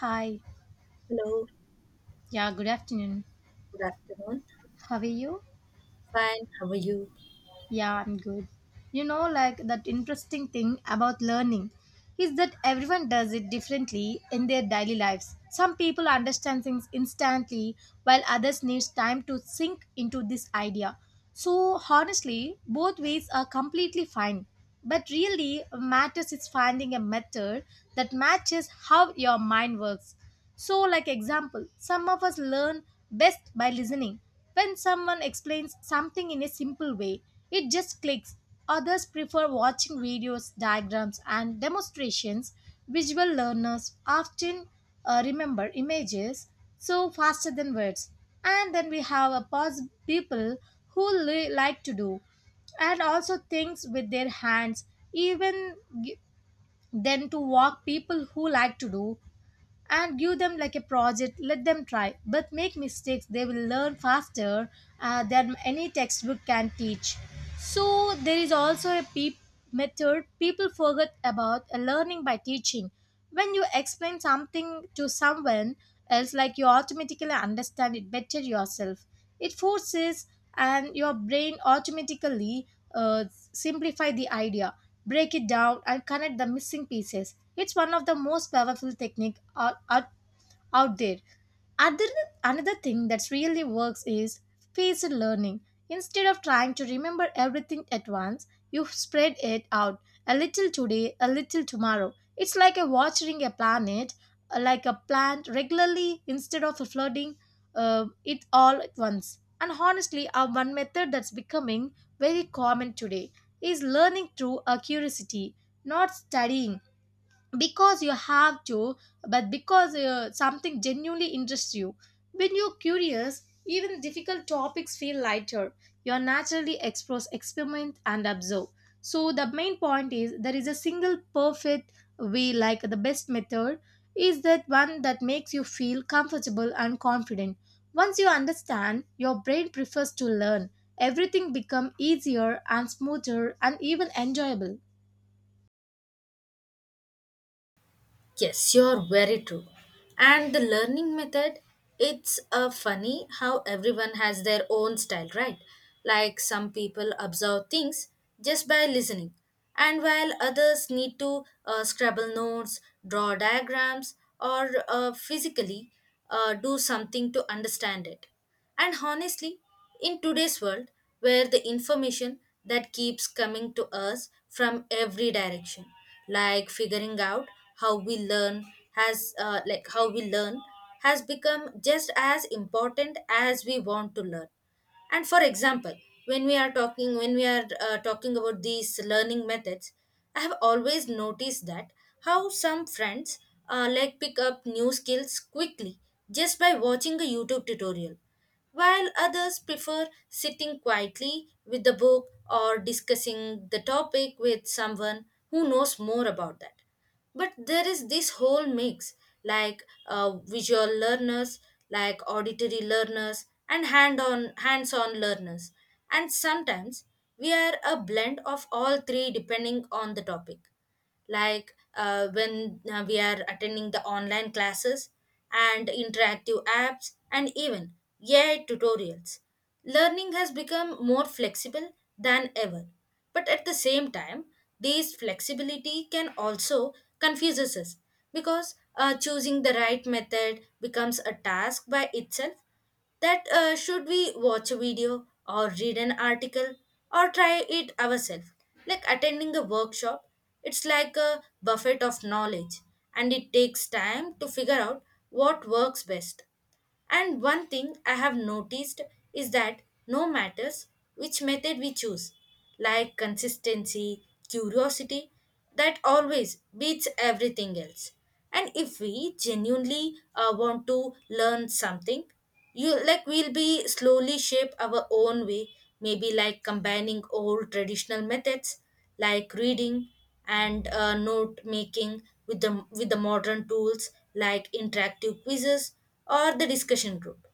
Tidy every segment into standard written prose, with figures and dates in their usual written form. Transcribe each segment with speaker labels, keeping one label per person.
Speaker 1: Hi.
Speaker 2: Hello,
Speaker 1: Yeah, good afternoon.
Speaker 2: good afternoon.
Speaker 1: How are you?
Speaker 2: Fine, how are you?
Speaker 1: Yeah, I'm good. That interesting thing about learning is that everyone does it differently in their daily lives. Some people understand things instantly while others need time to sink into this idea. So, honestly, both ways are completely fine. But really, matters is finding a method that matches how your mind works. So, like example, some of us learn best by listening. When someone explains something in a simple way, it just clicks. Others prefer watching videos, diagrams, and demonstrations. Visual learners often remember images so faster than words. And then we have people like to do and also things with their hands even g- then to walk people who like to do and give them like a project, let them try, but make mistakes they will learn faster than any textbook can teach. So there is also a peep method people forget about, learning by teaching. When you explain something to someone else, like, you automatically understand it better yourself. It forces, and your brain automatically uh, simplify the idea, break it down, and connect the missing pieces. It's one of the most powerful technique out there. Other, Another thing that really works is phased learning. Instead of trying to remember everything at once, you spread it out, a little today, a little tomorrow. It's like a watering a planet, like a plant regularly instead of flooding it all at once. And honestly, our one method that's becoming very common today is learning through a curiosity, not studying because you have to, but because something genuinely interests you. When you're curious, even difficult topics feel lighter. You naturally explore, experiment, and observe. So the main point is there is a single perfect way. Like the best method is that one that makes you feel comfortable and confident. Once you understand your brain prefers to learn, everything becomes easier and smoother and even enjoyable.
Speaker 2: Yes, you're very true. And the learning method, it's funny how everyone has their own style, right? Like some people observe things just by listening, and while others need to scribble notes, draw diagrams, or physically do something to understand it. And honestly, in today's world, where the information that keeps coming to us from every direction, like figuring out how we learn has like how we learn has become just as important as we want to learn. And for example, when we are talking when we are talking about these learning methods, I have always noticed that how some friends like pick up new skills quickly just by watching a YouTube tutorial, while others prefer sitting quietly with the book or discussing the topic with someone who knows more about that. But there is this whole mix, like visual learners, like auditory learners and hands on learners. And sometimes we are a blend of all three depending on the topic, like when we are attending the online classes and interactive apps and even AI tutorials. Learning has become more flexible than ever, but at the same time, this flexibility can also confuse us because choosing the right method becomes a task by itself. That should we watch a video or read an article or try it ourselves? Like attending a workshop, it's like a buffet of knowledge and it takes time to figure out what works best. And one thing I have noticed is that no matters which method we choose, like consistency, curiosity, that always beats everything else. And if we genuinely want to learn something, you like we'll be slowly shape our own way, maybe like combining old traditional methods like reading and note making with the modern tools like interactive quizzes or the discussion group.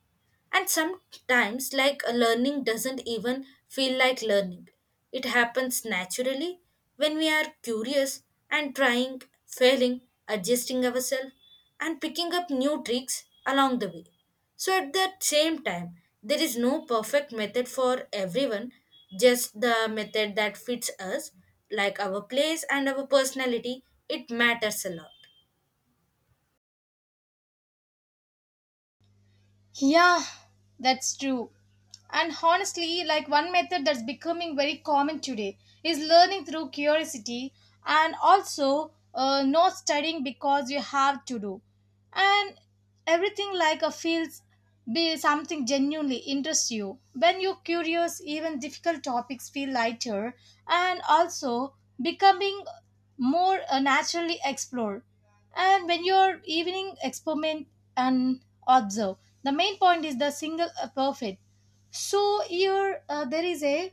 Speaker 2: And sometimes, like a learning doesn't even feel like learning. It happens naturally when we are curious and trying, failing, adjusting ourselves, and picking up new tricks along the way. So, at the same time, there is no perfect method for everyone, just the method that fits us, like our place and our personality. It matters a lot.
Speaker 1: Yeah, that's true. And honestly, like, one method that's becoming very common today is learning through curiosity and also not studying because you have to do. And everything like a feels be something genuinely interests you. When you're curious, even difficult topics feel lighter and also becoming more naturally explored. And when you're evening experiment and observe, the main point is the single perfect. So here there is a.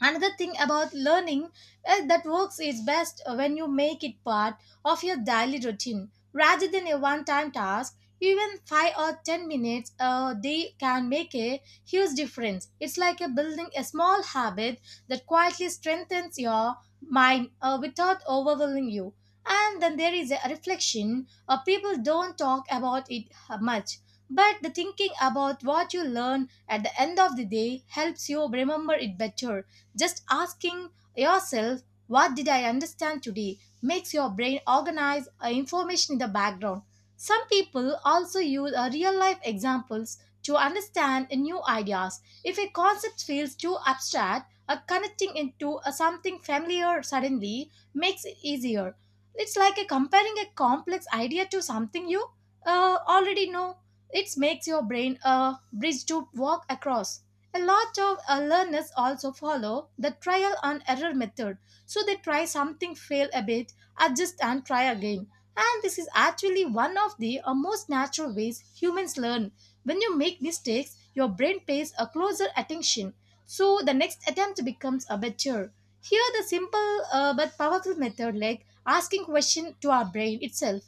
Speaker 1: Another thing about learning, that works is best when you make it part of your daily routine rather than a one time task. Even 5 or 10 minutes a day can make a huge difference. It's like a building a small habit that quietly strengthens your mind without overwhelming you. And then there is a reflection. People don't talk about it much, but the thinking about what you learn at the end of the day helps you remember it better. Just asking yourself, what did I understand today, makes your brain organize information in the background. Some people also use real life examples to understand new ideas. If a concept feels too abstract, connecting into something familiar suddenly makes it easier. It's like a comparing a complex idea to something you already know. It makes your brain a bridge to walk across. A lot of learners also follow the trial and error method. So they try something, fail a bit, adjust, and try again. And this is actually one of the most natural ways humans learn. When you make mistakes, your brain pays a closer attention. So the next attempt becomes a better. Here, the simple but powerful method like asking question to our brain itself.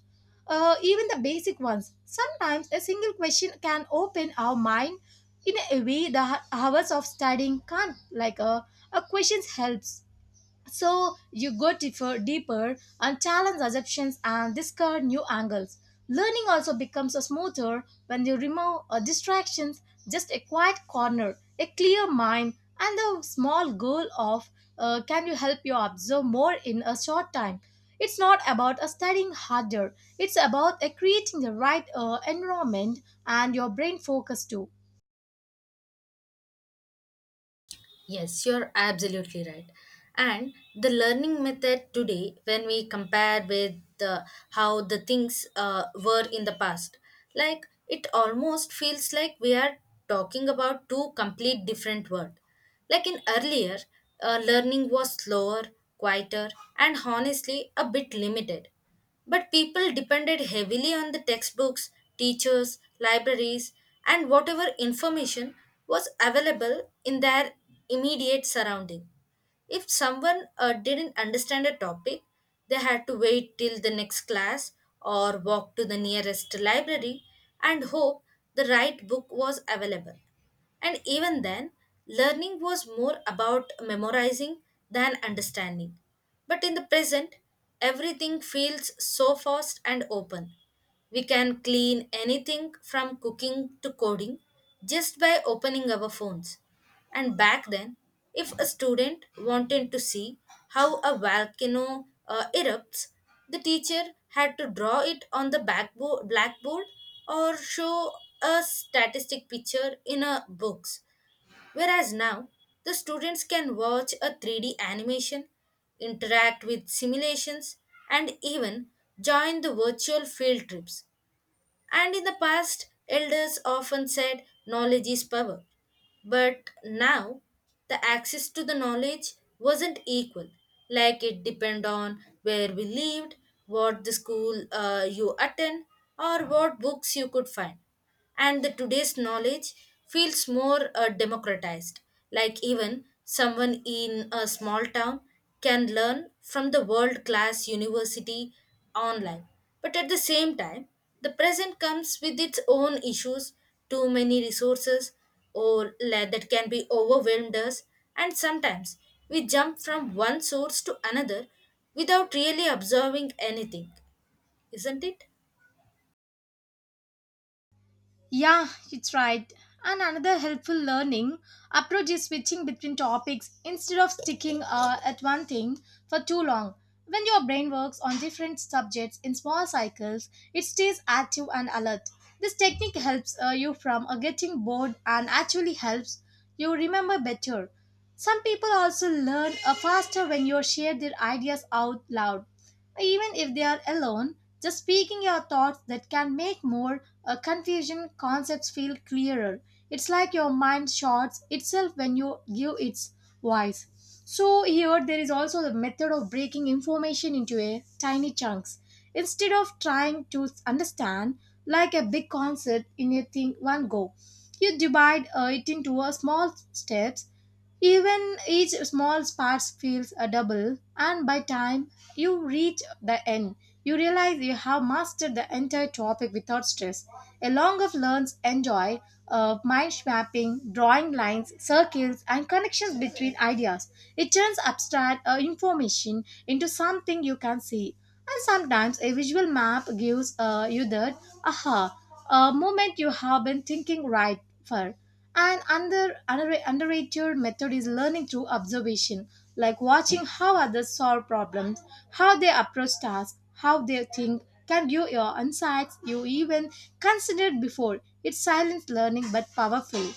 Speaker 1: Even the basic ones. Sometimes a single question can open our mind in a way the hours of studying can't, a questions helps so you go deeper, deeper, and challenge assumptions and discover new angles. Learning also becomes a smoother when you remove distractions. Just a quiet corner, a clear mind, and the small goal of can you help you observe more in a short time. It's not about a studying harder, it's about a creating the right environment and your brain focus too.
Speaker 2: Yes, you're absolutely right. And the learning method today, when we compare with the, how the things were in the past, like it almost feels like we are talking about two complete different worlds. Like in earlier, learning was slower, quieter, and honestly a bit limited. But people depended heavily on the textbooks, teachers, libraries, and whatever information was available in their immediate surrounding. If someone didn't understand a topic, they had to wait till the next class or walk to the nearest library and hope the right book was available. And even then, learning was more about memorizing than understanding. But in the present, everything feels so fast and open. We can clean anything from cooking to coding just by opening our phones. And back then, if a student wanted to see how a volcano erupts, the teacher had to draw it on the blackboard or show a statistic picture in a books. Whereas now, the students can watch a 3D animation, interact with simulations, and even join the virtual field trips. And in the past, elders often said knowledge is power. But now the access to the knowledge wasn't equal. Like it depend on where we lived, what the school you attend, or what books you could find. And the today's knowledge feels more democratized. Like even someone in a small town can learn from the world class university online. But at the same time, the present comes with its own issues, too many resources, or that can be overwhelmed us and sometimes we jump from one source to another without really observing anything, isn't it?
Speaker 1: Yeah, it's right. And another helpful learning approach is switching between topics instead of sticking at one thing for too long. When your brain works on different subjects in small cycles, it stays active and alert. This technique helps you from getting bored and actually helps you remember better. Some people also learn faster when you share their ideas out loud. Even if they are alone, just speaking your thoughts that can make more confusion, concepts feel clearer. It's like your mind shouts itself when you give its voice. So, here there is also the method of breaking information into a tiny chunks. Instead of trying to understand like a big concept in a thing one go, you divide it into a small steps, even each small spark feels a double, and by time you reach the end, you realize you have mastered the entire topic without stress. A Along of learns enjoy mind mapping, drawing lines, circles, and connections between ideas. It turns abstract information into something you can see, and sometimes a visual map gives you that aha a moment you have been thinking right for. And underrated method is learning through observation, like watching how others solve problems, how they approach tasks, how they think, can give your insights you even considered before. It's silent learning but powerful.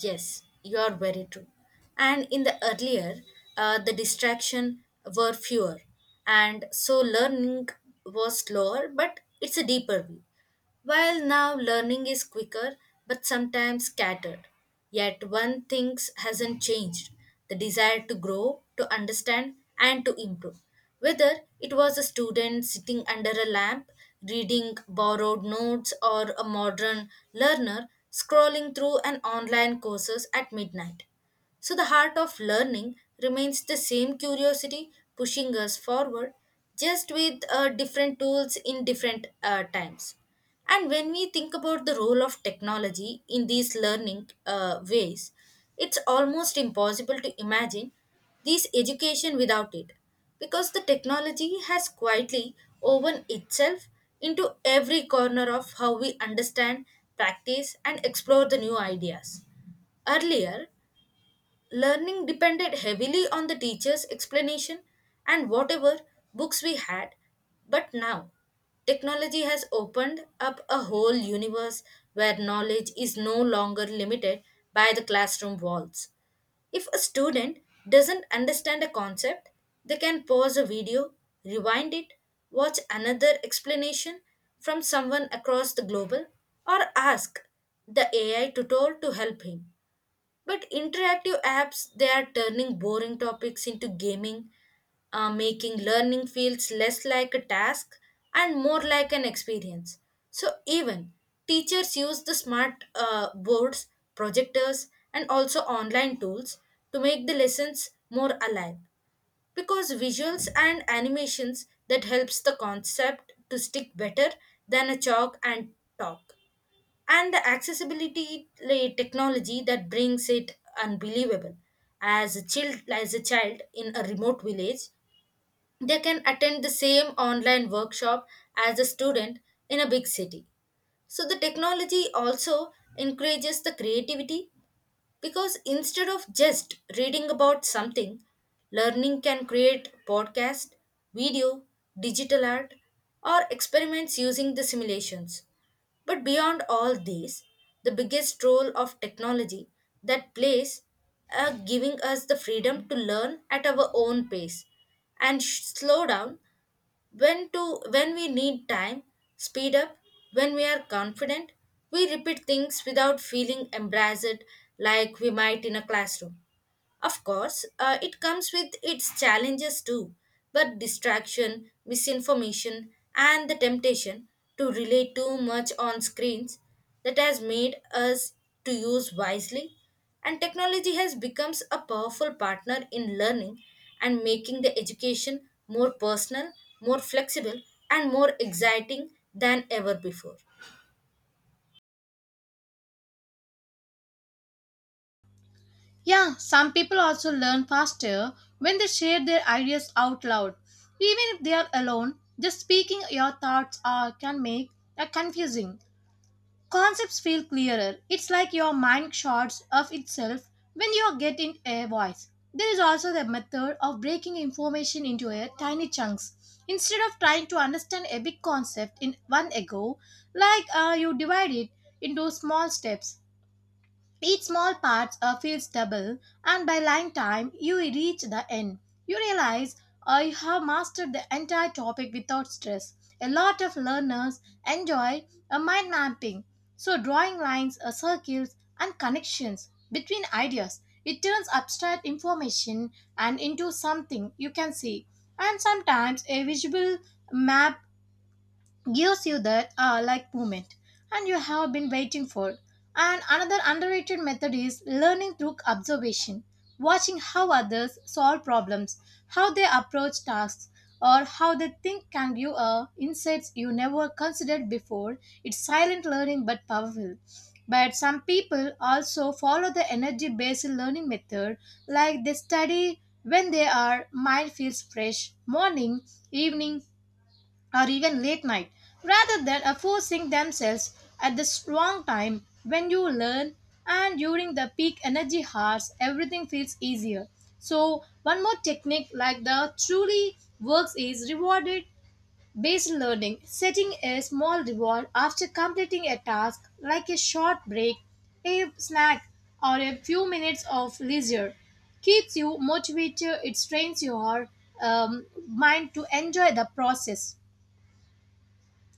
Speaker 2: Yes, you are very true. And in the earlier, the distraction were fewer and so learning was slower but it's a deeper view. While now learning is quicker but sometimes scattered, yet one thing hasn't changed, the desire to grow, to understand, and to improve. Whether it was a student sitting under a lamp, reading borrowed notes, or a modern learner scrolling through an online courses at midnight. So the heart of learning remains the same curiosity pushing us forward, just with different tools in different times. And when we think about the role of technology in these learning ways, it's almost impossible to imagine this education without it because the technology has quietly woven itself into every corner of how we understand, practice, and explore the new ideas. Earlier, learning depended heavily on the teacher's explanation and whatever books we had. But now, technology has opened up a whole universe where knowledge is no longer limited by the classroom walls. If a student doesn't understand a concept, they can pause a video, rewind it, watch another explanation from someone across the global, or ask the AI tutor to help him. But interactive apps, they are turning boring topics into gaming, making learning feels less like a task and more like an experience. So even teachers use the smart boards, projectors, and also online tools to make the lessons more alive because visuals and animations that helps the concept to stick better than a chalk and talk. And the accessibility, like technology that brings it unbelievable, as a child in a remote village, they can attend the same online workshop as a student in a big city. So the technology also encourages the creativity because instead of just reading about something, learning can create podcast, video, digital art, or experiments using the simulations. But beyond all these, the biggest role of technology that plays are giving us the freedom to learn at our own pace and slow down when we need time, speed up when we are confident, we repeat things without feeling embarrassed like we might in a classroom. Of course, it comes with its challenges too, but distraction, misinformation, and the temptation to rely too much on screens that has made us to use wisely. And technology has become a powerful partner in learning and making the education more personal, more flexible and more exciting than ever before.
Speaker 1: Yeah, some people also learn faster when they share their ideas out loud. Even if they are alone, just speaking your thoughts are, can make a confusing. Concepts feel clearer. It's like your mind shots of itself when you are getting a voice. There is also the method of breaking information into a tiny chunks. Instead of trying to understand a big concept in one go, you divide it into small steps, each small part feels double, and by lying time, you reach the end. You realize I have mastered the entire topic without stress. A lot of learners enjoy a mind mapping, so drawing lines, circles, and connections between ideas. It turns abstract information and into something you can see. And sometimes a visual map gives you that ah like moment, and you have been waiting for. And another underrated method is learning through observation, watching how others solve problems, how they approach tasks, or how they think can give a insights you never considered before. It's silent learning but powerful. But some people also follow the energy based learning method, like they study when they are mind feels fresh, morning, evening, or even late night, rather than forcing themselves at the wrong time. When you learn and during the peak energy hours, everything feels easier. So one more technique like the truly works is rewarded based learning. Setting a small reward after completing a task, like a short break, a snack, or a few minutes of leisure, keeps you motivated. It trains your mind to enjoy the process.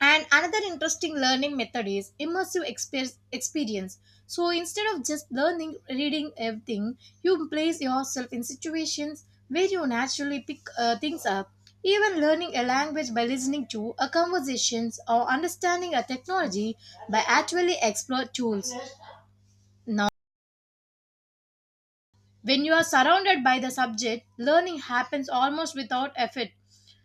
Speaker 1: And another interesting learning method is immersive experience. So instead of just learning, reading everything, you place yourself in situations where you naturally pick things up. Even learning a language by listening to a conversations or understanding a technology by actually explore tools. Now, when you are surrounded by the subject, learning happens almost without effort.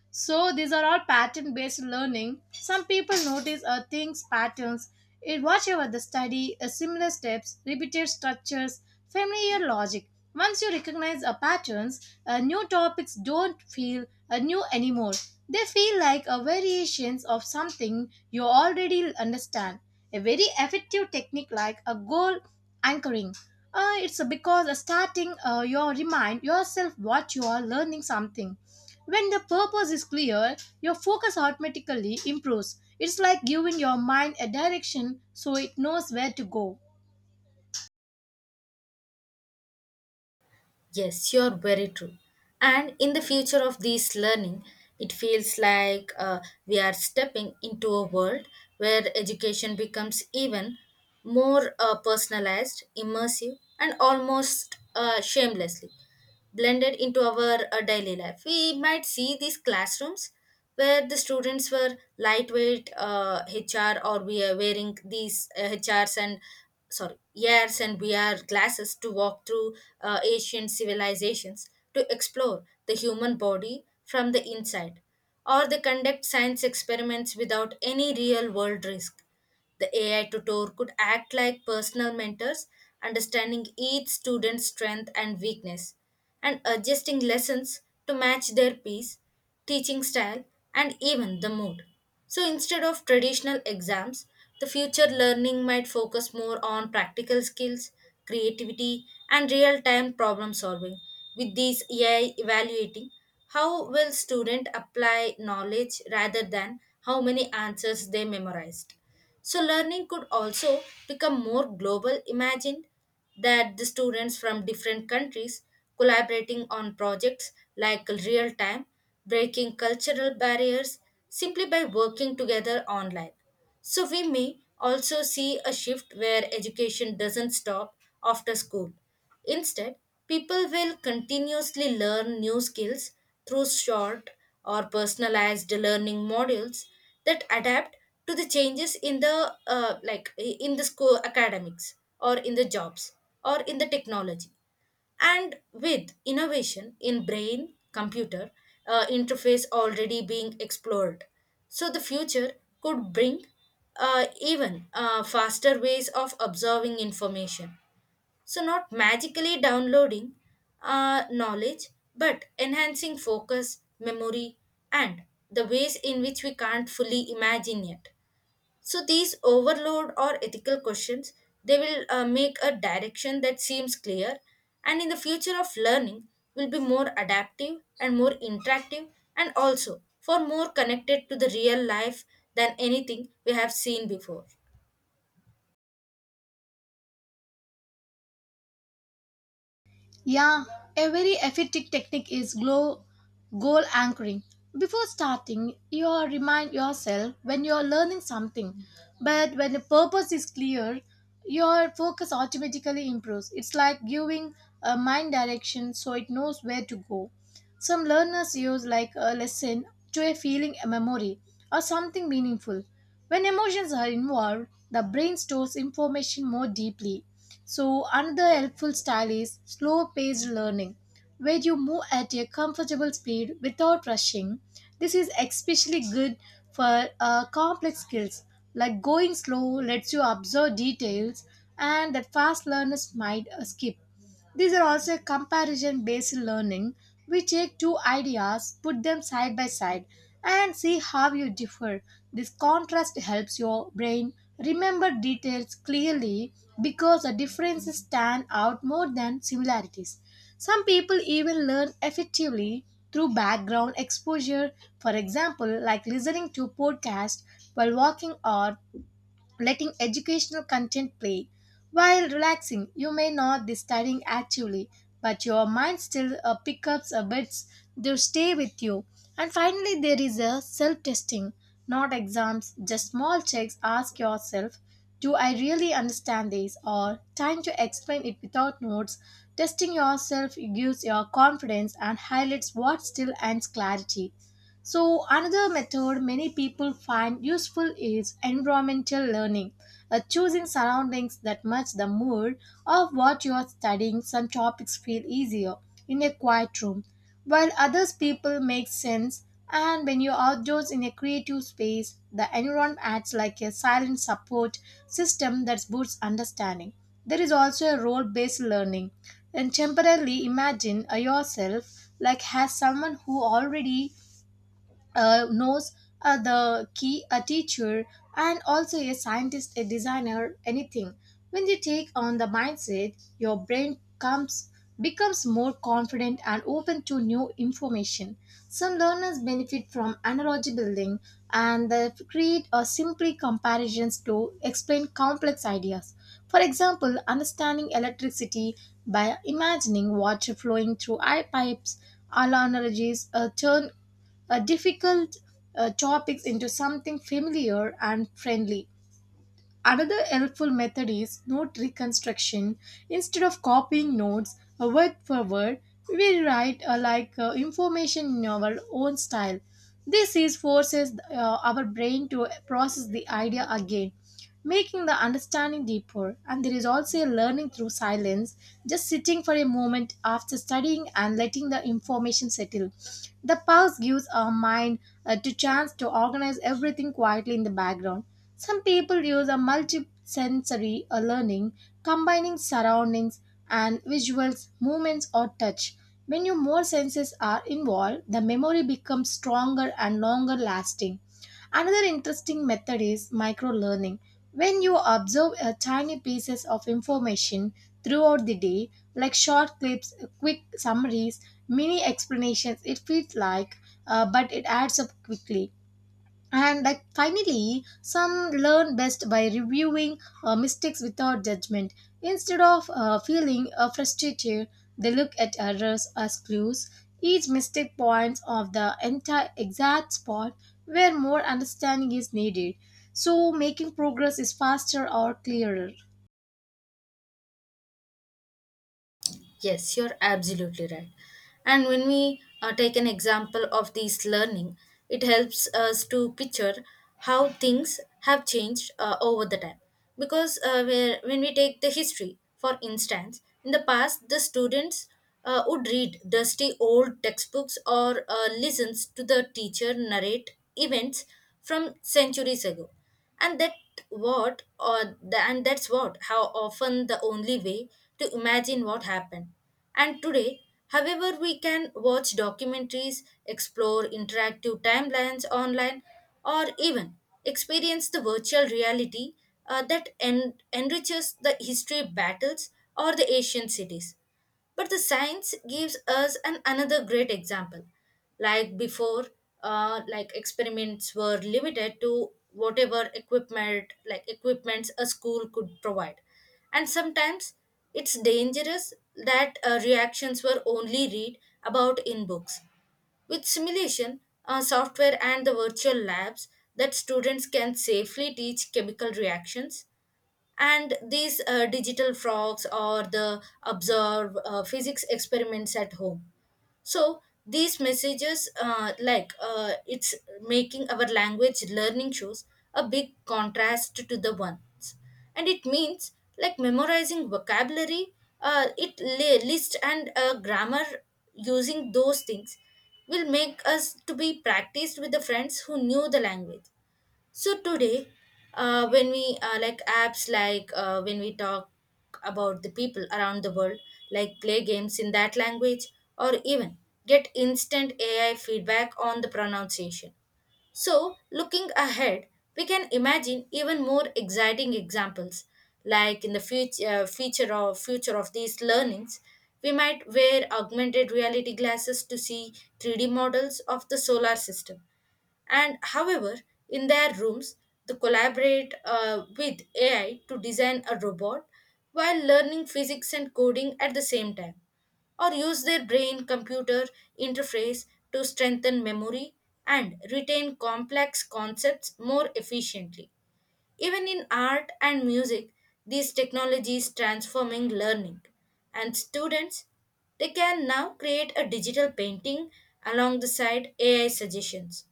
Speaker 1: So these are all pattern based learning. Some people notice a things patterns in whatever the study, a similar steps, repeated structures, familiar logic. Once you recognize a patterns, new topics don't feel new anymore. They feel like a variations of something you already understand. A very effective technique like a goal anchoring, it's because starting, you remind yourself what you are learning something. When the purpose is clear, your focus automatically improves. It's like giving your mind a direction so it knows where to go.
Speaker 2: Yes, you're very true. And in the future of this learning, it feels like we are stepping into a world where education becomes even more personalized, immersive, and almost shamelessly blended into our daily life. We might see these classrooms where the students were lightweight HR, or we are wearing these HRs and sorry ears, and VR glasses to walk through ancient civilizations to explore the human body from the inside, or they conduct science experiments without any real world risk. The AI tutor could act like personal mentors, understanding each student's strength and weakness, and adjusting lessons to match their pace, teaching style, and even the mood. So instead of traditional exams, the future learning might focus more on practical skills, creativity, and real time problem solving, with these AI evaluating how will student apply knowledge rather than how many answers they memorized. So, learning could also become more global. Imagine that the students from different countries collaborating on projects like real time, breaking cultural barriers simply by working together online. So, we may also see a shift where education doesn't stop after school. Instead, people will continuously learn new skills through short or personalized learning modules that adapt to the changes in the like in the school academics or in the jobs or in the technology. And with innovation in brain computer interface already being explored, so the future could bring even faster ways of observing information, so not magically downloading knowledge but enhancing focus memory and the ways in which we can't fully imagine yet. So these overload or ethical questions, they will make a direction that seems clear. And in the future of learning will be more adaptive and more interactive and also for more connected to the real life than anything we have seen before.
Speaker 1: Yeah, a very effective technique is goal anchoring. Before starting, you are remind yourself when you are learning something, but when the purpose is clear, your focus automatically improves. It's like giving a mind direction so it knows where to go. Some learners use like a lesson to a feeling, a memory, or something meaningful. When emotions are involved, the brain stores information more deeply. So, another helpful style is slow paced learning, where you move at a comfortable speed without rushing. This is especially good for complex skills, like going slow lets you observe details and that fast learners might skip. These are also comparison based learning. We take two ideas, put them side by side, and see how you differ. This contrast helps your brain remember details clearly because the differences stand out more than similarities. Some people even learn effectively through background exposure, for example, like listening to podcasts while walking or letting educational content play. While relaxing, you may not be studying actively, but your mind still picks up a bits to stay with you. And finally, there is a self-testing, not exams, just small checks. Ask yourself, do I really understand this, or time to explain it without notes? Testing yourself gives your confidence and highlights what still adds clarity. So, another method many people find useful is environmental learning, choosing surroundings that match the mood of what you are studying. Some topics feel easier in a quiet room, while others people make sense. And when you're outdoors in a creative space, the environment acts like a silent support system that boosts understanding. There is also a role based learning. And temporarily imagine yourself like as someone who already knows the key a teacher and also a scientist a designer anything when you take on the mindset your brain comes becomes more confident and open to new information. Some learners benefit from analogy building, and they create or simply comparisons to explain complex ideas, for example understanding electricity by imagining water flowing through eye pipes. Analogies turn difficult topics into something familiar and friendly. Another helpful method is note reconstruction. Instead of copying notes word for word, we write like information in our own style. This is forces our brain to process the idea again, making the understanding deeper. And there is also a learning through silence, just sitting for a moment after studying and letting the information settle. The pause gives our mind to chance to organize everything quietly in the background. Some people use a multisensory learning, combining surroundings and visuals, movements, or touch. When your more senses are involved, the memory becomes stronger and longer lasting. Another interesting method is micro learning. When you observe a tiny pieces of information throughout the day, like short clips, quick summaries, mini explanations, it feels like, but it adds up quickly. And like finally, some learn best by reviewing mistakes without judgment. Instead of feeling frustrated, they look at errors as clues. Each mistake points of the entire exact spot where more understanding is needed. So making progress is faster or clearer.
Speaker 2: Yes, you're absolutely right. And when we take an example of this learning, it helps us to picture how things have changed over the time. Because when we take the history, for instance, in the past, the students would read dusty old textbooks or listens to the teacher narrate events from centuries ago, and that's what how often the only way to imagine what happened. And today, however, we can watch documentaries, explore interactive timelines online, or even experience the virtual reality that enriches the history of battles or the ancient cities. But the science gives us an another great example. Like before, like experiments were limited to whatever equipment, like equipments a school could provide, and sometimes it's dangerous that reactions were only read about in books. With simulation, software, and the virtual labs, that students can safely teach chemical reactions and these digital frogs or the observe physics experiments at home. So these messages it's making our language learning shows a big contrast to the ones and it means like memorizing vocabulary it list and grammar, using those things will make us to be practiced with the friends who knew the language. So today, when we like apps like when we talk about the people around the world, like play games in that language or even get instant AI feedback on the pronunciation. So looking ahead, we can imagine even more exciting examples. Like in the future, future of these learnings, we might wear augmented reality glasses to see 3D models of the solar system. And however, in their rooms, they collaborate with AI to design a robot while learning physics and coding at the same time, or use their brain computer interface to strengthen memory and retain complex concepts more efficiently. Even in art and music, these technologies transforming learning and students, they can now create a digital painting along the side AI suggestions.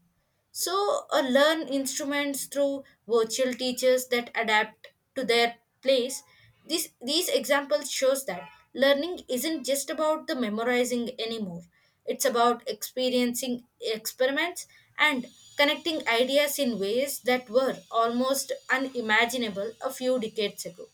Speaker 2: So, learn instruments through virtual teachers that adapt to their place. These examples shows that learning isn't just about the memorizing anymore. It's about experiencing experiments and connecting ideas in ways that were almost unimaginable a few decades ago.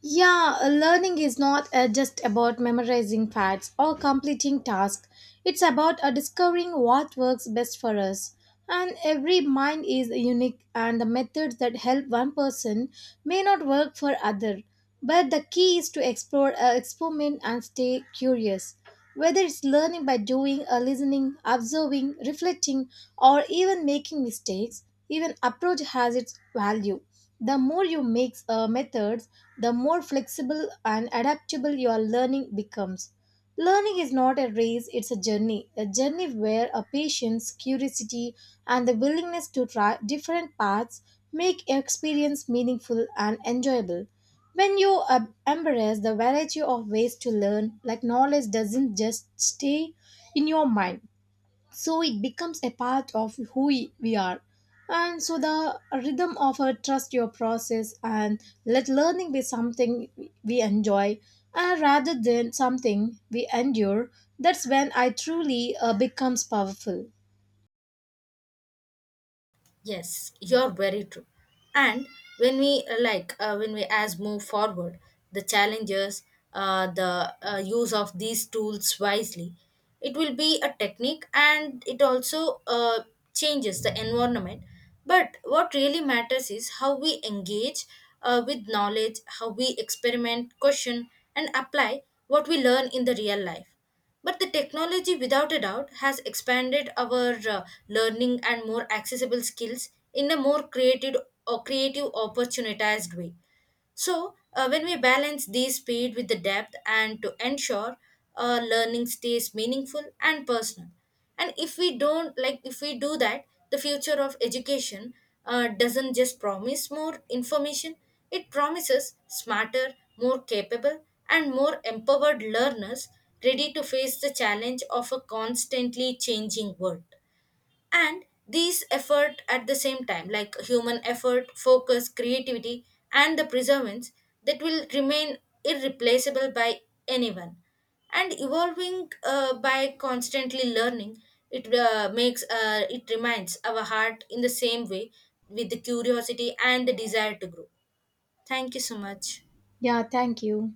Speaker 1: Yeah, learning is not just about memorizing facts or completing tasks. It's about discovering what works best for us. And every mind is unique and the methods that help one person may not work for other. But the key is to explore, experiment and stay curious. Whether it's learning by doing, listening, observing, reflecting or even making mistakes, even approach has its value. The more you mix methods, the more flexible and adaptable your learning becomes. Learning is not a race, it's a journey. A journey where a patience, curiosity, and the willingness to try different paths make your experience meaningful and enjoyable. When you embrace the variety of ways to learn, like knowledge doesn't just stay in your mind, so it becomes a part of who we are, and so the rhythm of a trust your process and let learning be something we enjoy rather than something we endure. That's when I truly becomes powerful.
Speaker 2: Yes, you're very true. And when we when we as move forward, the challenges, the use of these tools wisely, it will be a technique, and it also changes the environment. But what really matters is how we engage with knowledge, how we experiment, question, and apply what we learn in the real life. But the technology, without a doubt, has expanded our learning and more accessible skills in a more creative or creative opportunitized way. So, when we balance these speed with the depth and to ensure learning stays meaningful and personal. And if we don't, like, if we do that, the future of education doesn't just promise more information, it promises smarter, more capable, and more empowered learners ready to face the challenge of a constantly changing world. And these effort at the same time, like human effort, focus, creativity, and the perseverance that will remain irreplaceable by anyone. And evolving by constantly learning, it makes it reminds our heart in the same way with the curiosity and the desire to grow. Thank you so much.
Speaker 1: Yeah, thank you.